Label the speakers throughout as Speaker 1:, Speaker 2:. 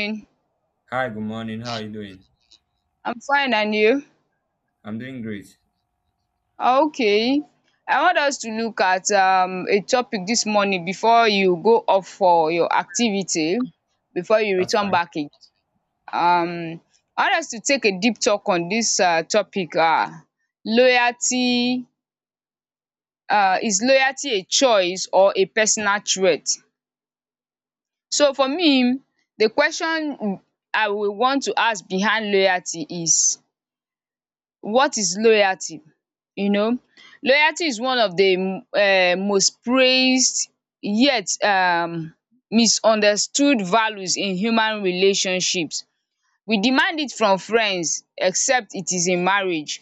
Speaker 1: Morning.
Speaker 2: Hi, good morning. How are you doing?
Speaker 1: I'm fine and you?
Speaker 2: I'm doing great.
Speaker 1: Ah, okay. I want us to look at a topic dis morning before you go off for your activity before you
Speaker 2: That's
Speaker 1: return
Speaker 2: fine.
Speaker 1: back again. Um I want us to take a deep talk on dis topic, loyalty. Is loyalty a choice or a personal trait? So for me, the question I will want to ask behind loyalty is, what is loyalty? You know, loyalty is one of the most praised, yet misunderstood values in human relationships. We demand it from friends except it is in marriage,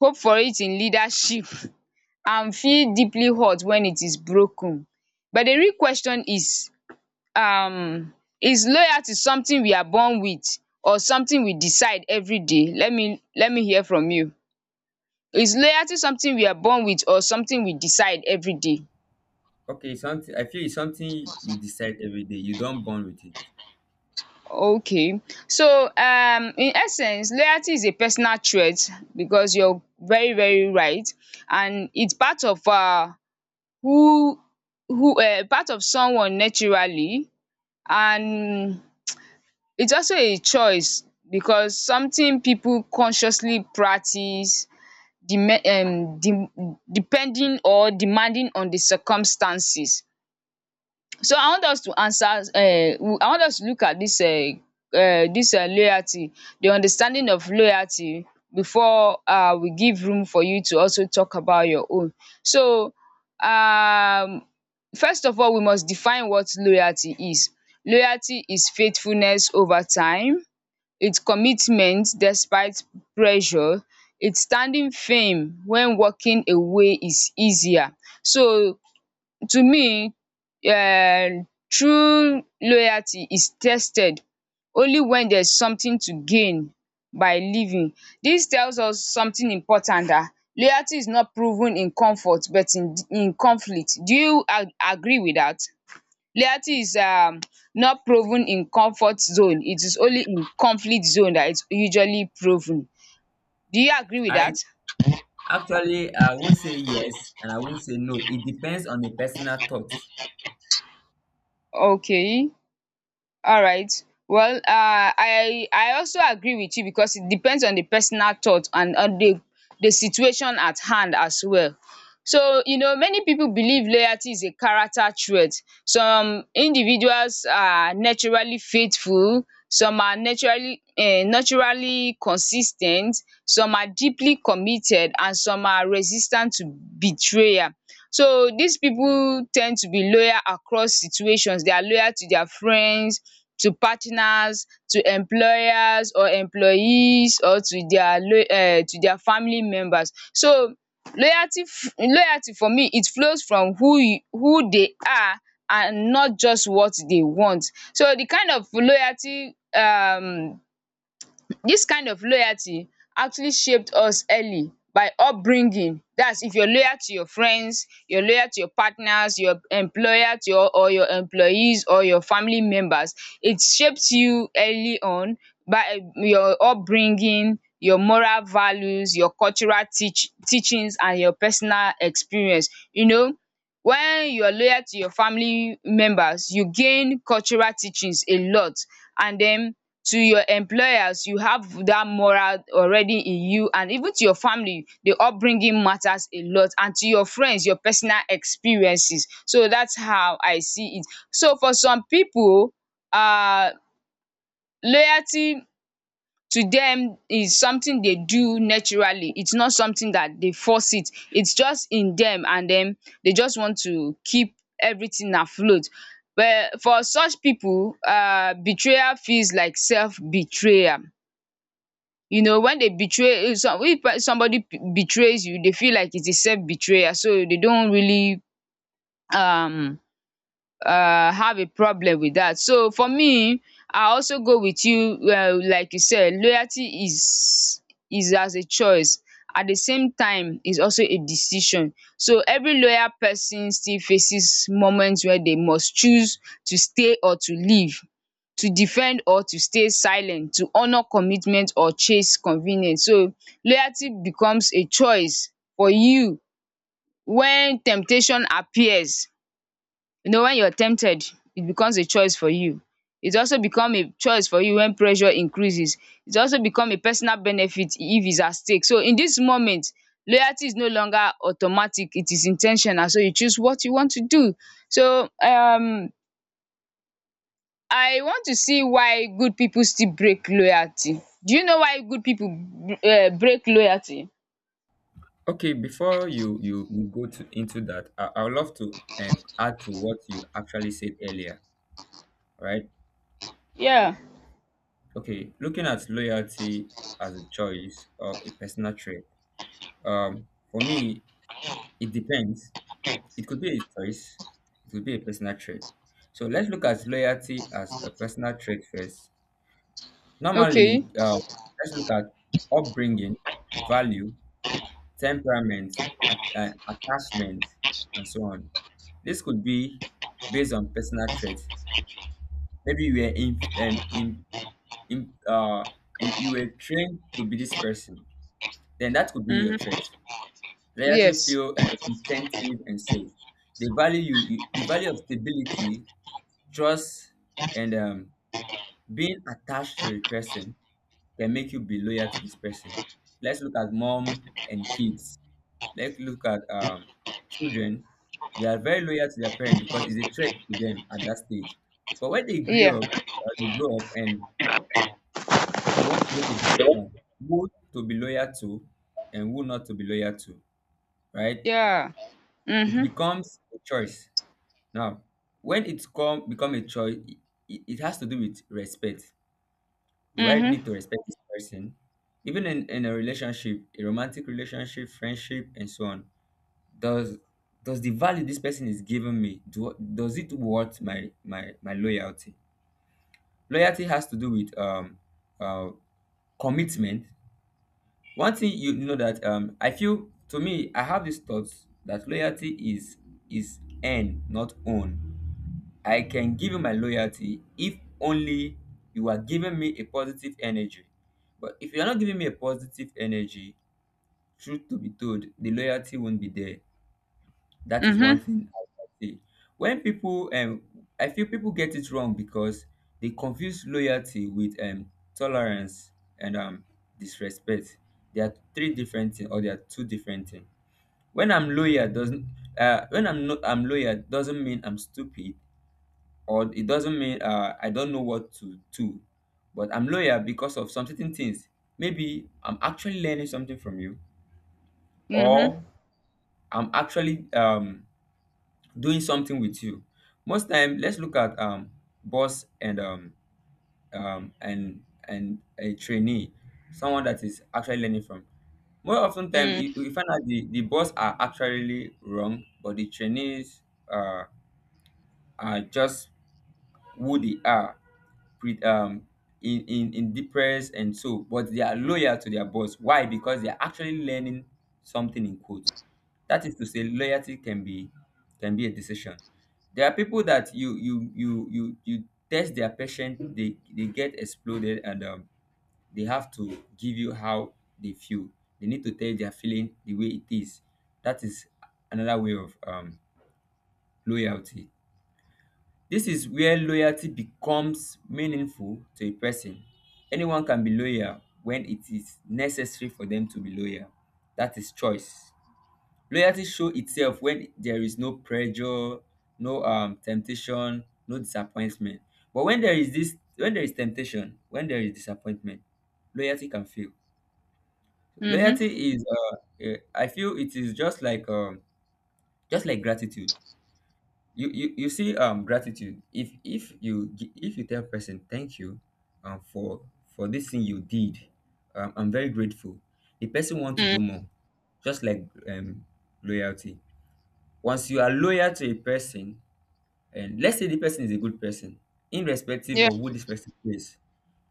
Speaker 1: hope for it in leadership and feel deeply hurt when it is broken. But the real question is, um is loyalty something we are born with or something we decide every day? Let me hear from you. Is loyalty something we are born with or something we decide every day?
Speaker 2: Okay, it's something I feel it's something you decide every day. You don't born with it.
Speaker 1: Okay. So, in essence, loyalty is a personal trait because you're very, very right. And it's part of who, part of someone naturally. And it's also a choice because something people consciously practice, dem de depending or demanding on the circumstances. So I want us to look at this. Dis Loyalty, the understanding of loyalty, before we give room for you to also talk about your own. So um first of all we must define what loyalty is. Loyalty is faithfulness over time, its commitment despite pressure, its standing firm when walking away is easier. So, to me, true loyalty is tested only when there's something to gain by leaving. Dis tells us something important. Loyalty is not proven in comfort but in conflict. Do you a agree with dat? Loyalty is not proven in comfort zone, it is only in conflict zone dat is usually proven. Do you agree with
Speaker 2: I
Speaker 1: dat?
Speaker 2: Actually I won't say yes and I won't say no. It depends on the personal thoughts.
Speaker 1: Okay. Alright. Well, I also agree with you because it depends on the personal thought and on the situation at hand as well. So, you know, many people believe loyalty is a character trait. Some individuals are naturally faithful, some are naturally consistent, some are deeply committed and some are resistant to betrayal. So dis pipu ten d to be loyal across situations. They are loyal to their friends, to partners, to employers or employees or to their lo to their family members. So loyalty for me, it flows from who they are and not just what they want. So the kind of loyalty this kind of loyalty actually shaped us early by upbringing. That's if you're loyal to your friends, you're loyal to your partners, your employer to your or your employees or your family members. It shapes you early on by your upbringing, your moral values, your cultural teach teachings and your personal experience. You know, when you are loyal to your family members, you gain cultural teachings a lot, and then to your employers, you have that moral already in you, and even to your family, the upbringing matters a lot, and to your friends, your personal experiences. So that's how I see it. So for some pipu, um loyalty to them is something they do naturally. It's not something that they force it. It's just in them, and then they just want to keep everything afloat. Well, for such people, betrayal feels like self-betrayal. You know, when they betray, if somebody betrays you, they feel like it is self-betrayal, so they don't really um have a problem with that. So for me, I also go with you, like you said, loyalty is as a choice. At the same time, it's also a decision. So every loyal person still faces moments where they must choose to stay or to leave, to defend or to stay silent, to honor commitment or chase convenience. So loyalty becomes a choice for you when temptation appears. You know, when you're tempted, it becomes a choice for you. It also become a choice for you when pressure increases. It also become a personal benefit if it's at stake. So in this moment, loyalty is no longer automatic. It is intentional. So you choose what you want to do. So I want to see why good people still break loyalty. Do you know why good people break loyalty?
Speaker 2: Okay, before you go to into that, I would love to add to what you actually said earlier, right?
Speaker 1: Yeah.
Speaker 2: Okay, looking at loyalty as a choice or a personal trait. For me, it depends. It could be a choice, it could be a personal trait. So let's look at loyalty as a personal trait first.
Speaker 1: Okay.
Speaker 2: Normally, let's look at upbringing, value, temperament, attachment, and so on. This could be based on personal traits. Maybe you were in, uh, you, you were trained to be this person. Then that could be your trait.
Speaker 1: Mm-hmm.
Speaker 2: Loyalty,
Speaker 1: Yes.
Speaker 2: feel, incentive, and so. The value you the value of stability. Trust and being attached to a person can make you be loyal to this person. Let's look at mom and kids. Let's look at children. They are very loyal to their parents because it's a threat to them at that stage. But when they
Speaker 1: Yeah.
Speaker 2: grew up, they grow up and they want to make a decision who to be loyal to and who not to be loyal to, right?
Speaker 1: Yeah.
Speaker 2: It
Speaker 1: Mm-hmm.
Speaker 2: becomes a choice. Now, when it's come become a choice, it has to do with respect. Do I need
Speaker 1: Mm-hmm.
Speaker 2: to respect this person? Even in a relationship, a romantic relationship, friendship, and so on, does does the value this person is giving me do does it worth my loyalty? Loyalty has to do with uh commitment. One thing you know that I feel to me I have these thoughts that loyalty is earned, not own. I can give you my loyalty if only you are giving me a positive energy. But if you are not giving me a positive energy, truth to be told, the loyalty won't be there. That is one
Speaker 1: Mm-hmm.
Speaker 2: thing I can say. When I feel people get it wrong because they confuse loyalty with tolerance and disrespect. They are three different things, or they are two different things. When I'm loyal doesn't, when I'm loyal doesn't mean I'm stupid or it doesn't mean I don't know what to do, but I'm loyal because of some certain things. Maybe I'm actually learning something from you,
Speaker 1: Mhm,
Speaker 2: or I'm actually doing something with you. Most time, let's look at boss and and a trainee, someone that is actually learning from. More often time,
Speaker 1: mm,
Speaker 2: you find out the boss are actually wrong, but the trainees uh, are just who they are pre- in depressed and so, but they are loyal to their boss. Why? Because they are actually learning something in quote. That is to say, loyalty can be a decision. There are people that you test their patience, they get exploded and they have to give you how they feel. They need to tell their feeling the way it is. That is another way of loyalty. This is where loyalty becomes meaningful to a person. Anyone can be loyal when it is necessary for them to be loyal. That is choice. Loyalty shows itself when there is no pressure, no temptation, no disappointment. But when there is this, when there is temptation, when there is disappointment, loyalty can fail.
Speaker 1: mhm,
Speaker 2: Loyalty is, I feel it is just like gratitude. You you see gratitude. If you if you tell person thank you for this thing you did, I'm very grateful. The person want to do
Speaker 1: mm.
Speaker 2: more, just like loyalty. Once you are loyal to a person and let's say the person is a good person, irrespective
Speaker 1: Yeah.
Speaker 2: of who this person is,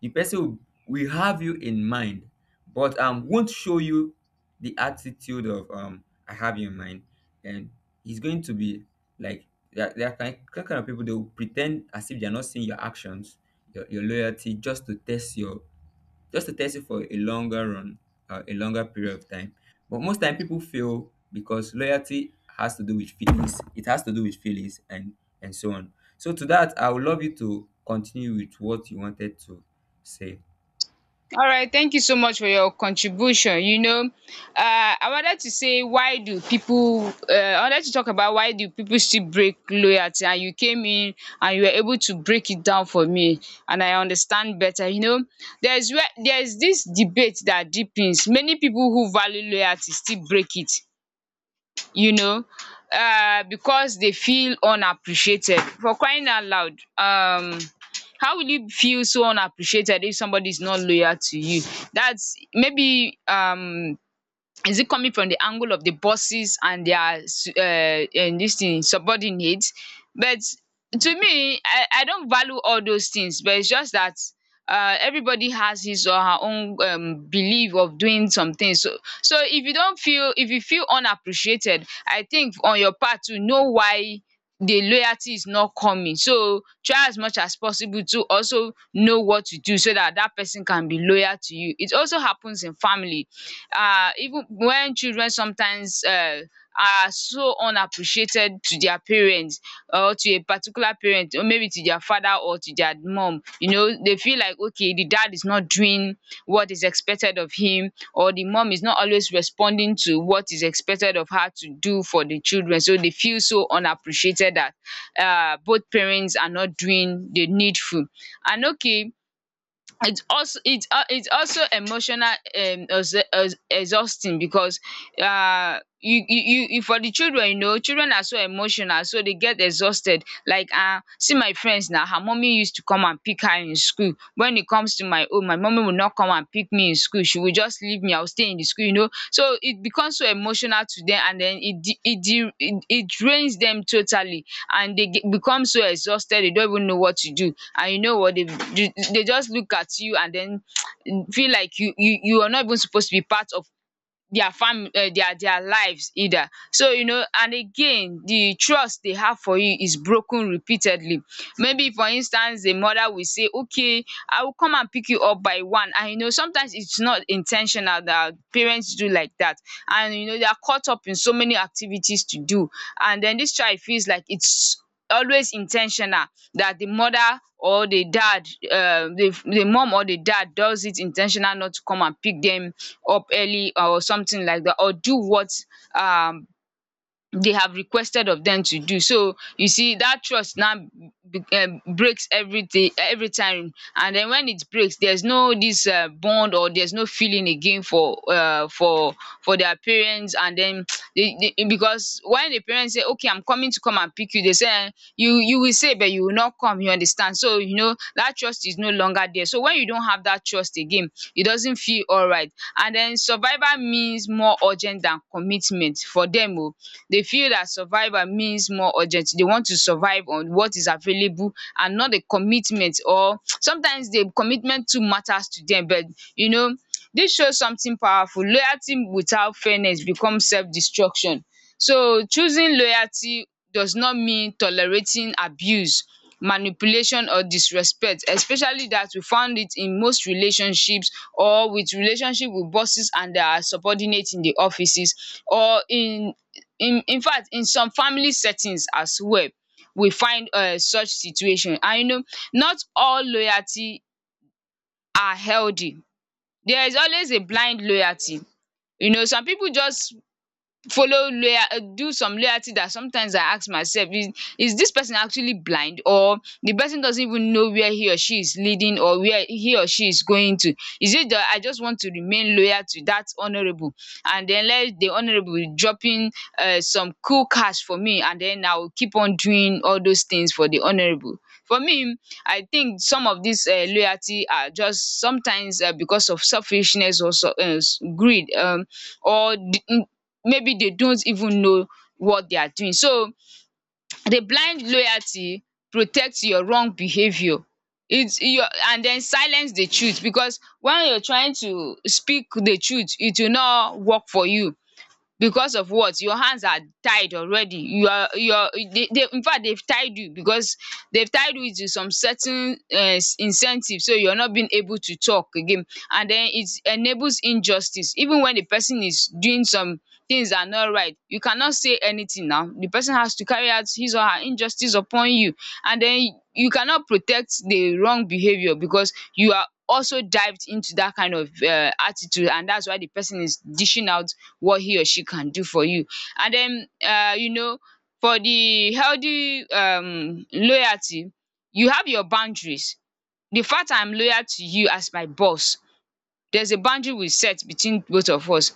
Speaker 2: the person will have you in mind, but won't show you the attitude of I have you in mind, and he's going to be like there, there are kind of people. They will pretend as if they are not seeing your actions, your loyalty, just to test your, just to test it for a longer run, a longer period of time. But most time people fail because loyalty has to do with feelings. It has to do with feelings and so on. So to that, I would love you to continue with what you wanted to say.
Speaker 1: All right. Thank you so much for your contribution. You know, I wanted to say, why do people? I wanted to talk about why do people still break loyalty, and you came in and you were able to break it down for me, and I understand better. You know, there's where there's this debate that deepens. Many people who value loyalty still break it, you know, because they feel unappreciated, for crying out loud. um how will you feel so unappreciated if somebody is not loyal to you? That's maybe is it coming from the angle of the bosses and their and this thing subordinates? But to me, I don't value all those things, but it's just that, everybody has his or her own, belief of doing something. So if you don't feel if you feel unappreciated, I think on your part to know why the loyalty is not coming. So try as much as possible to also know what to do so that that person can be loyal to you. It also happens in family. Even when children sometimes are so unappreciated to their parents, or to a particular parent, or maybe to their father or to their mum. You know, they feel like okay, the dad is not doing what is expected of him, or the mom is not always responding to what is expected of her to do for the children, so they feel so unappreciated that both parents are not doing the needful. And okay, it's also emotional exhausting because uh for the children, you know, children are so emotional, so they get exhausted. Like, see, my friends now, her mommy used to come and pick her in school. When it comes to my own, my mommy will not come and pick me in school. She will just leave me, I will stay in the school. You know, so it becomes so emotional to them, and then it de it de it it drains them totally, and they get, become so exhausted they don't even know what to do. And you know what, they just look at you, and then feel like you are not even supposed to be part of their fam their lives either. So you know, and again, the trust they have for you is broken repeatedly. Maybe, for instance, the mother will say okay, I will come and pick you up by one, and you know, sometimes it's not intentional that parents do like that, and you know, they are caught up in so many activities to do, and then this child feels like it's always intentional, that the mother or the dad, the mum or the dad does it intentional not to come and pick them up early or something like that, or do what um they have requested of them to do. So you see that trust now breaks everything every time, and then when it breaks, there's no this bond, or there's no feeling again for for their parents. And then they because when the parents say okay, I'm coming to come and pick you, they say you will say but you will not come, you understand? So you know, that trust is no longer there. So when you don't have that trust again, it doesn't feel alright. And then survival means more urgent than commitment for dem oh. They feel that survival means more urgent. They want to survive on what is available and not the commitment, or sometimes the commitment too matters to dem, but you know, dis shows something powerful. Loyalty without fairness becomes self-destruction. So choosing loyalty does not mean tolerating abuse, manipulation or disrespect, especially that we found it in most relationships, or with relationship with bosses and their subordinate in the offices, or in infact in some family settings as well. We find such situation, and you know, not all loyalty are healthy. There is always a blind loyalty. You know, some pipu just follow lawyer do some loyalty that sometimes I ask myself is this person actually blind, or the person doesn't even know where he or she is leading or where he or she is going to. Is it that I just want to remain loyal to that honorable and then let the honorable be dropping some cool cash for me, and then I will keep on doing all those things for the honorable? For me, I think some of this loyalty are just sometimes because of selfishness or um greed, or the, maybe they don't even know what they are doing. So the blind loyalty protects your wrong behaviour. It's your and then silence the truth, because when you're trying to speak the truth it will not work for you because of what. Your hands are tied already. You are they infact they've tied you because they've tied you to some certain incentive, so you're not being able to talk again. And then it enables injustice, even when the person is doing some things that are not right you cannot say anything. Now the person has to carry out his or her injustice upon you, and then you cannot protect the wrong behaviour because you are also dived into that kind of attitude, and that's why the person is dishing out what he or she can do for you. And then you know, for the healthy loyalty, you have your boundaries. The fact I'm loyal to you as my boss, there's a boundary we set between both of us.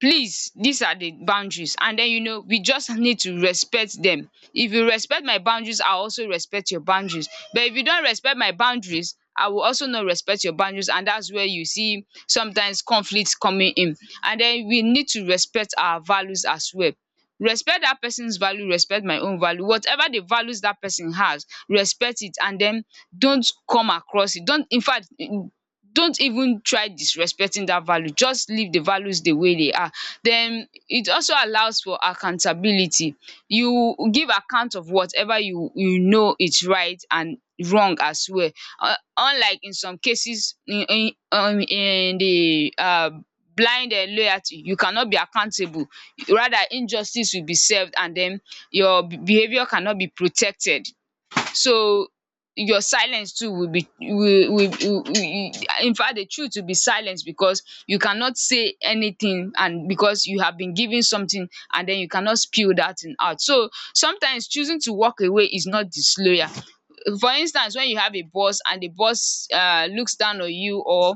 Speaker 1: Please, these are the boundaries, and then you know we just need to respect them. If you respect my boundaries I will also respect your boundaries, but if you don't respect my boundaries I will also not respect your boundaries, and that's where you see sometimes conflict coming in. And then we need to respect our values as well. Respect that person's value, respect my own value. Whatever the values that person has, respect it, and then don't come across it. Don't even try disrespecting that value. Just leave the values the way they are. Then it also allows for accountability. You give account of whatever you you know is right and wrong as well. Unlike in some cases in in the blind loyalty, you cannot be accountable. Rather, injustice will be served, and then your behaviour cannot be protected. So your silence too will be will infact the truth will be silence, because you cannot say anything and because you have been given something and then you cannot spill that thing out. So sometimes choosing to walk away is not disloyal. For instance, when you have a boss and the boss looks down on you or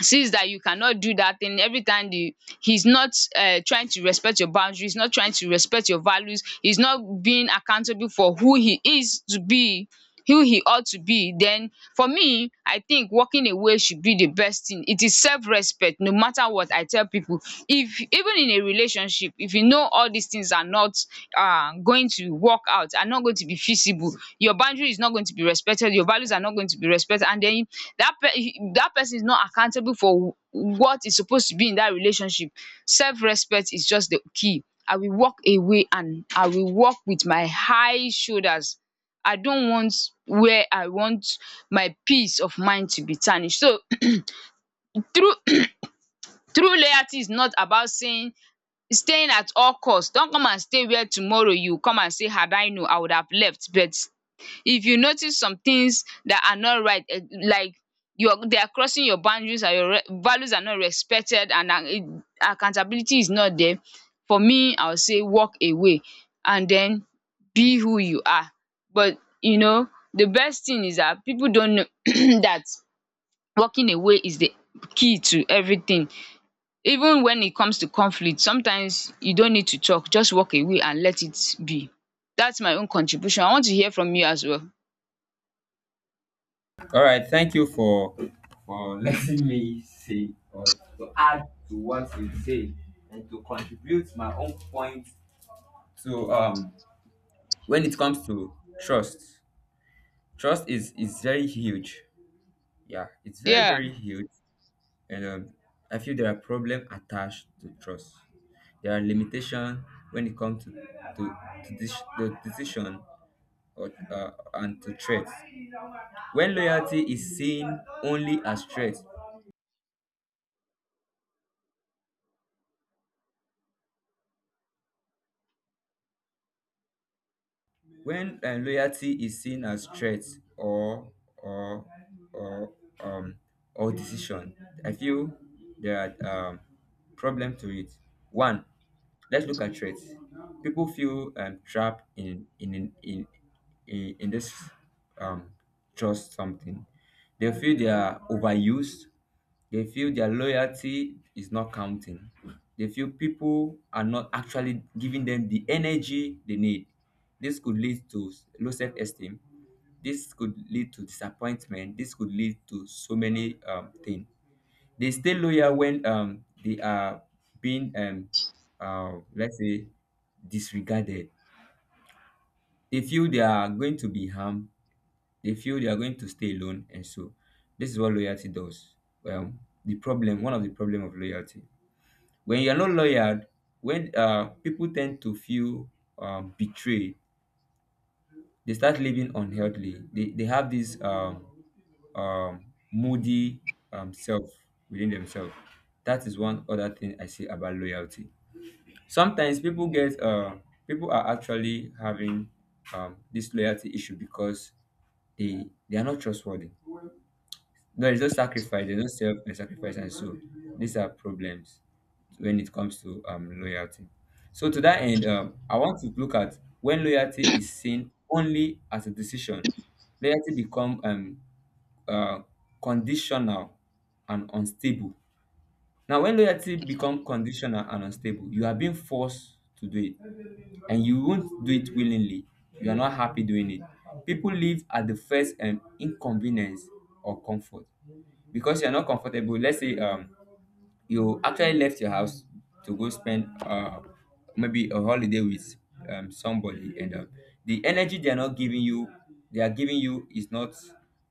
Speaker 1: sees that you cannot do that thing, every time the he's not trying to respect your boundaries, not trying to respect your values, he's not being accountable for who he is to be, who he ought to be, then for me I think walking away should be the best thing. It is self-respect. No matter what, I tell people if even in a relationship, if you know all these things are not going to work out, are not going to be feasible, your boundary is not going to be respected, your values are not going to be respected, and then that person is not accountable for what is supposed to be in that relationship. Self-respect is just the key. I will walk away, and I will walk with my high shoulders. I don't want where I want my peace of mind to be tarnished. So through through loyalty is not about saying staying at all cost. Not come and stay where tomorrow you come and say had I known I would have left. But if you notice some things that are not right, eh, like you're they are crossing your boundaries and your values are not respected and accountability is not there, for me I would say walk away, and then be who you are. But you know, the best thing is that people don't know that walking away is the key to everything. Even when it comes to conflict, sometimes you don't need to talk, just walk away and let it be. That's my own contribution. I want to hear from you as well.
Speaker 2: All right, thank you for letting me say or to add to what you say and to contribute my own point to when it comes to trust. Trust is very huge. Yeah, it's
Speaker 1: Yeah.
Speaker 2: very huge. And I feel there are problems attached to trust. There are limitations when it comes to this, the decision and to threats. When loyalty is seen only as threat. When loyalty is seen as threat or or or um or decision, I feel there are problem to it. One, let's look at threats. People feel trapped in this um trust something. They feel they are overused, they feel their loyalty is not counting. They feel people are not actually giving them the energy they need. This could lead to low self esteem. This could lead to disappointment. This could lead to so many things. They stay loyal when they are being, let's say, disregarded. They feel they are going to be harmed. They feel they are going to stay alone. And so, this is what loyalty does. Well, the problem, one of the problem of loyalty. When you're not loyal, when people tend to feel betrayed, they start living unhealthily. They have this um, moody self within themselves. That is one other thing I see about loyalty. Sometimes people are actually having this loyalty issue because they are not trustworthy. There is no sacrifice, there's no self and sacrifice, and so these are problems when it comes to loyalty. So to that end, I want to look at when loyalty is seen only as a decision, loyalty become uh, conditional and unstable. Now, when loyalty becomes conditional and unstable, you are being forced to do it, and you won't do it willingly. You are not happy doing it. People live at the first inconvenience or comfort because you are not comfortable. Let's say you actually left your house to go spend maybe a holiday with somebody and the energy they are not giving you they are giving you is not,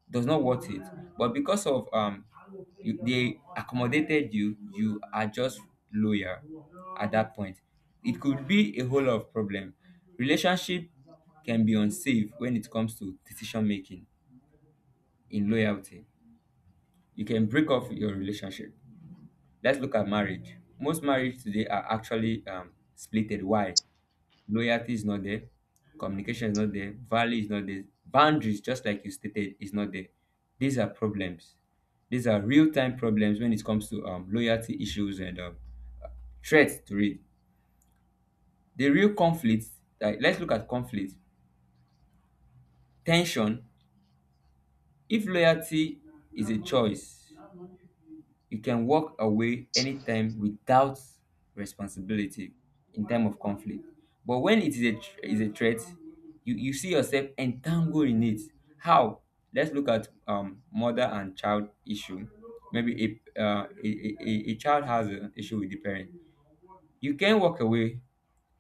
Speaker 2: does not worth it, but because of you, they accommodated you. You are just loyal at that point. It could be a whole lot of problem. Relationship can be unsafe when it comes to decision making in loyalty. You can break off your relationship. Let's look at marriage. Most marriage today are actually splitted. Why? Loyalty is not there. Communication is not there. Value is not there. Boundaries, just like you stated, is not there. These are problems. These are real time problems when it comes to loyalty issues and threats to it. The real conflict, like, let's look at conflict, tension. If loyalty is a choice, you can walk away anytime without responsibility in time of conflict, but when it is a threat, you see yourself entangled in it. How? Let's look at mother and child issue. Maybe a a child has an issue with the parent. You can walk away,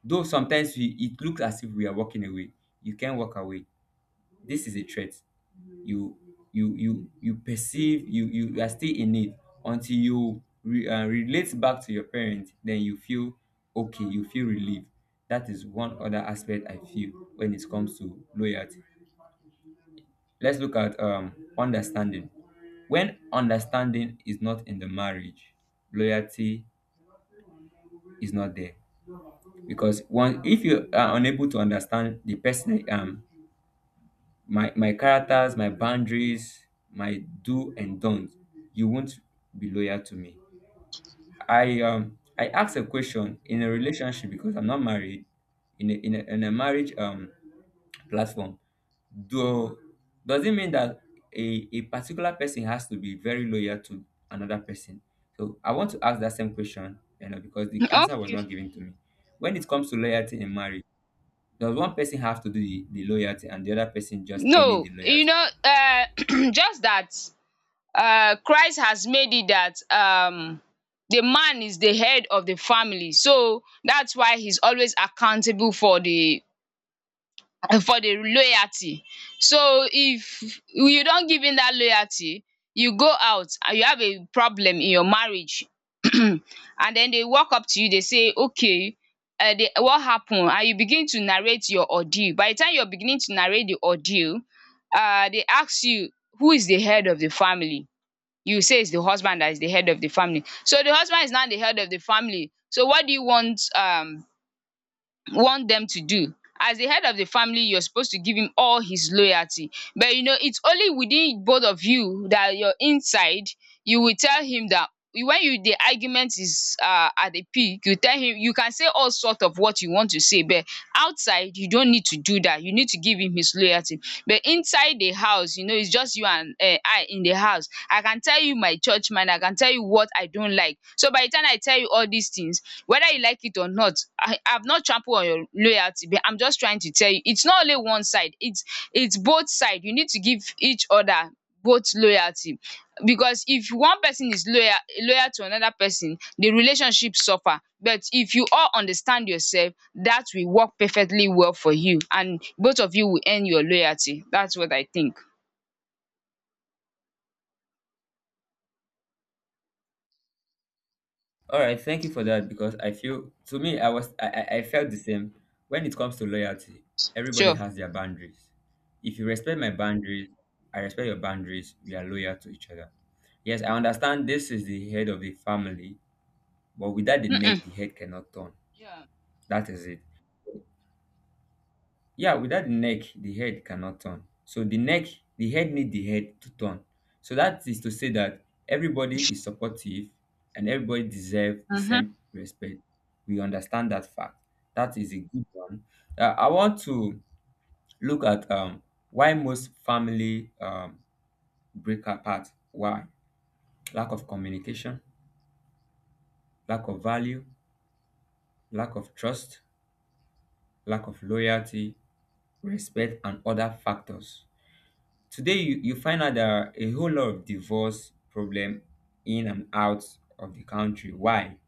Speaker 2: though sometimes it looks as if we are walking away. You can walk away. This is a threat. You you you you perceive you, you are still in it until you relate back to your parents. Then you feel okay, you feel relieved. That is one other aspect I feel when it comes to loyalty. Let's look at understanding. When understanding is not in the marriage, loyalty is not there. Because one, if you are unable to understand the person, my characters, my boundaries, my do and don't, you won't be loyal to me. I asked a question in a relationship because I'm not married in a marriage platform. Do Does it mean that a particular person has to be very loyal to another person? So I want to ask that same question, you know, because the answer was
Speaker 1: Okay.
Speaker 2: not given to me. When it comes to loyalty in marriage, does one person have to do the loyalty and the other person just earning the
Speaker 1: No, you
Speaker 2: loyalty?
Speaker 1: know, just that Christ has made it that the man is the head of the family, so that's why he's always accountable for the loyalty. So if you don't give in that loyalty, you go out and you have a problem in your marriage, and then they walk up to you. They say, "Okay, what happened?" And you begin to narrate your ordeal. By the time you are beginning to narrate the ordeal, dey ask you, who is the head of the family? You say it's the husband that is the head of the family. So the husband is now the head of the family. So what do you want them to do? As the head of the family, you're supposed to give him all his loyalty. But you know, it's only within both of you that your inside you will tell him that when you the argument is at the peak, you tell him you can say all sort of what you want to say, but outside you don't need to do that. You need to give him his loyalty. But inside the house, you know, it's just you and I in the house. I can tell you my church mind, I can tell you what I don't like, so by the time I tell you all these things, whether you like it or not, I have not trampled on your loyalty, but I'm just trying to tell you it's not only one side, it's both side, you need to give each other both loyalty. Because if one person is loyal to another person, the relationship suffer. But if you all understand yourself, that will work perfectly well for you, and both of you will earn your loyalty. That's what I think.
Speaker 2: All right, thank you for that. Because I feel to me I felt the same when it comes to loyalty. Everybody
Speaker 1: Sure.
Speaker 2: has their boundaries. If you respect my boundaries, I respect your boundaries. We are loyal to each other. Yes, I understand this is the head of the family, but without the
Speaker 1: um um
Speaker 2: neck, the head cannot turn.
Speaker 1: yeah.
Speaker 2: That is it. Yeah, without the neck the head cannot turn. So the head need the head to turn. So that is to say that everybody is supportive and everybody deserve the
Speaker 1: Mhm.
Speaker 2: same respect. We understand that fact. That is a good one. I want to look at why most family break apart. Why? Lack of communication, lack of value, lack of trust, lack of loyalty, respect and other factors. Today, you find out there are a whole lot of divorce problem in and out of the country. Why?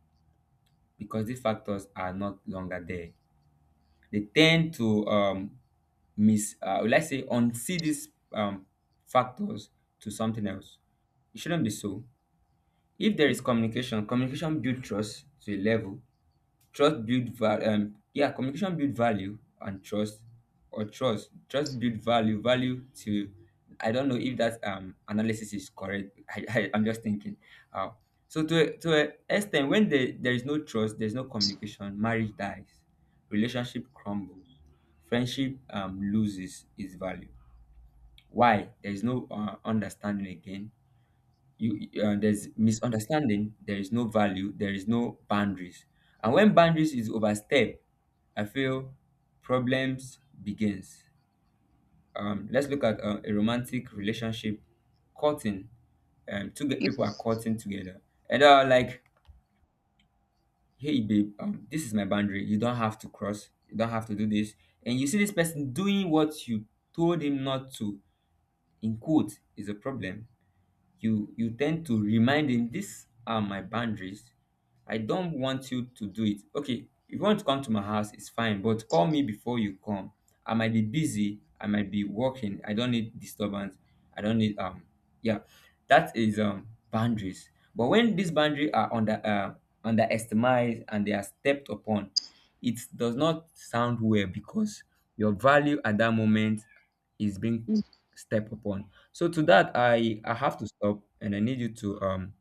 Speaker 2: Because these factors are not longer there. They tend to let's say, unsee these factors to something else. It shouldn't be so. If there is communication, communication builds trust to a level. Trust build value. Yeah, communication build value and trust, or trust build value. Value to, I don't know if that analysis is correct. I I'm just thinking. Uh, so to to a extent, when there is no trust, there's no communication. Marriage dies, relationship crumbles, friendship loses its value. Why? There is no understanding again. You There's misunderstanding, there is no value, there is no boundaries. And when boundaries is overstepped, I feel problems begins. Let's look at a romantic relationship, courting. People are courting together and they are like, hey babe, this is my boundary, you don't have to cross, you don't have to do this. And you see this person doing what you told him not to, in quote, is a problem. You tend to remind him, these are my boundaries, I don't want you to do it. Okay, if you want to come to my house it's fine, but call me before you come. I might be busy, I might be working, I don't need disturbance. I don't need yeah, that is boundaries. But when these boundaries are underestimated and they are stepped upon, it does not sound well because your value at that moment is being stepped upon. So to that, I have to stop, and I need you to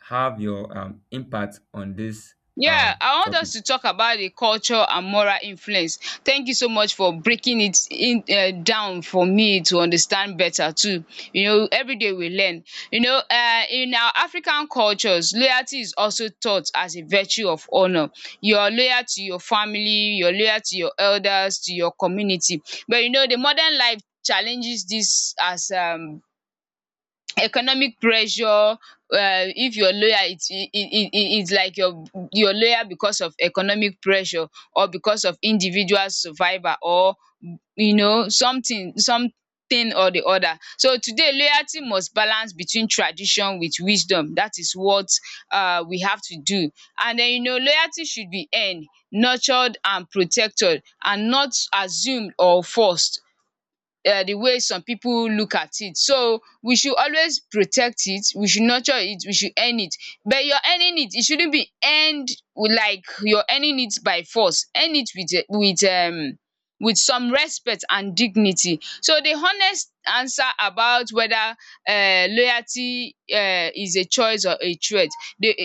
Speaker 2: have your impact on this
Speaker 1: Yeah, I want
Speaker 2: topic.
Speaker 1: us to talk about the culture and moral influence. Thank you so much for breaking it in down for me to understand better too. You know, every day we learn. You know, in our African cultures, loyalty is also taught as a virtue of honour. You are loyal to your family, you are loyal to your elders, to your community. But you know, the modern life challenges this as economic pressure. If you're loyal, it's it's like you're loyal because of economic pressure, or because of individual survival, or you know, something something or the other. So today loyalty must balance between tradition with wisdom. That is what we have to do. And then you know, loyalty should be earned, nurtured and protected, and not assumed or forced the way some people look at it. So we should always protect it, we should nurture it, we should earn it. But you're earning it, it shouldn't be earned with, like you're earning it by force. Earn it with with some respect and dignity. So the honest answer about whether loyalty is a choice or a threat, the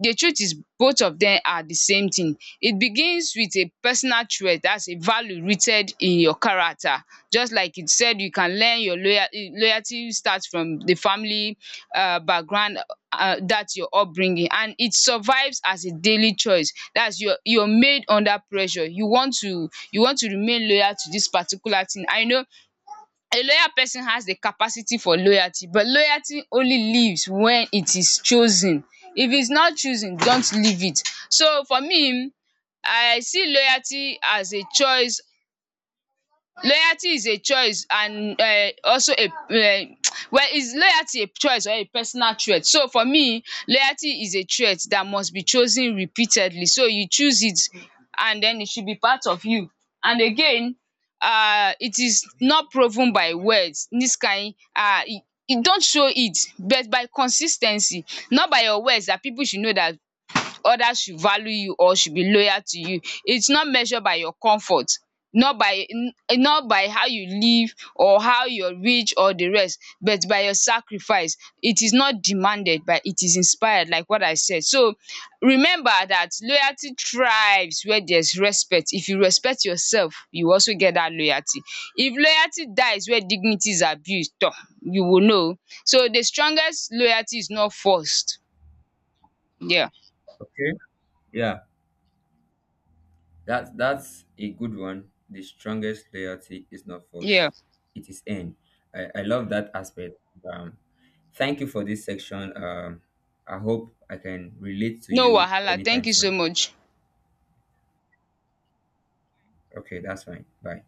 Speaker 1: the truth is both of dem are the same thing. It begins with a personal threat, that's a value rooted in your character. Just like it said, you can learn your loyalty starts from the family background, that's your upbringing, and it survives as a daily choice. That's your you're made under pressure. You want to remain loyal to this particular thing, and you know a loyal person has the capacity for loyalty, but loyalty only lives when it is chosen. If it's not chosen, don't leave it. So for me, I see loyalty as a choice. Loyalty is a choice, and also a well, is loyalty a choice or a personal trait? So for me, loyalty is a trait that must be chosen repeatedly. So you choose it, and den it should be part of you. And again, it is not proven by words. Dis kain e don't show it, but by consis ten cy, not by your words dat pipu should know dat others should value you or should be loyal to you. It's not measured by your comfort, not by n- not by how you live or how you're rich or the rest, but by your sacrifice. It is not demanded, but it is inspired, like what I said. So remember that loyalty thrives where there's respect. If you respect yourself, you also get that loyalty. If loyalty dies where dignity is abused, tor, you will know. So the strongest loyalty is not forced. Yeah.
Speaker 2: Okay. Yeah, that that's a good one. The strongest loyalty is not
Speaker 1: Yeah.
Speaker 2: force; it is earned. I love that aspect. Um, Thank you for this section. I hope I can relate to
Speaker 1: No
Speaker 2: you
Speaker 1: wahala, thank
Speaker 2: anytime
Speaker 1: you so
Speaker 2: soon.
Speaker 1: much.
Speaker 2: Okay, that's fine. Bye.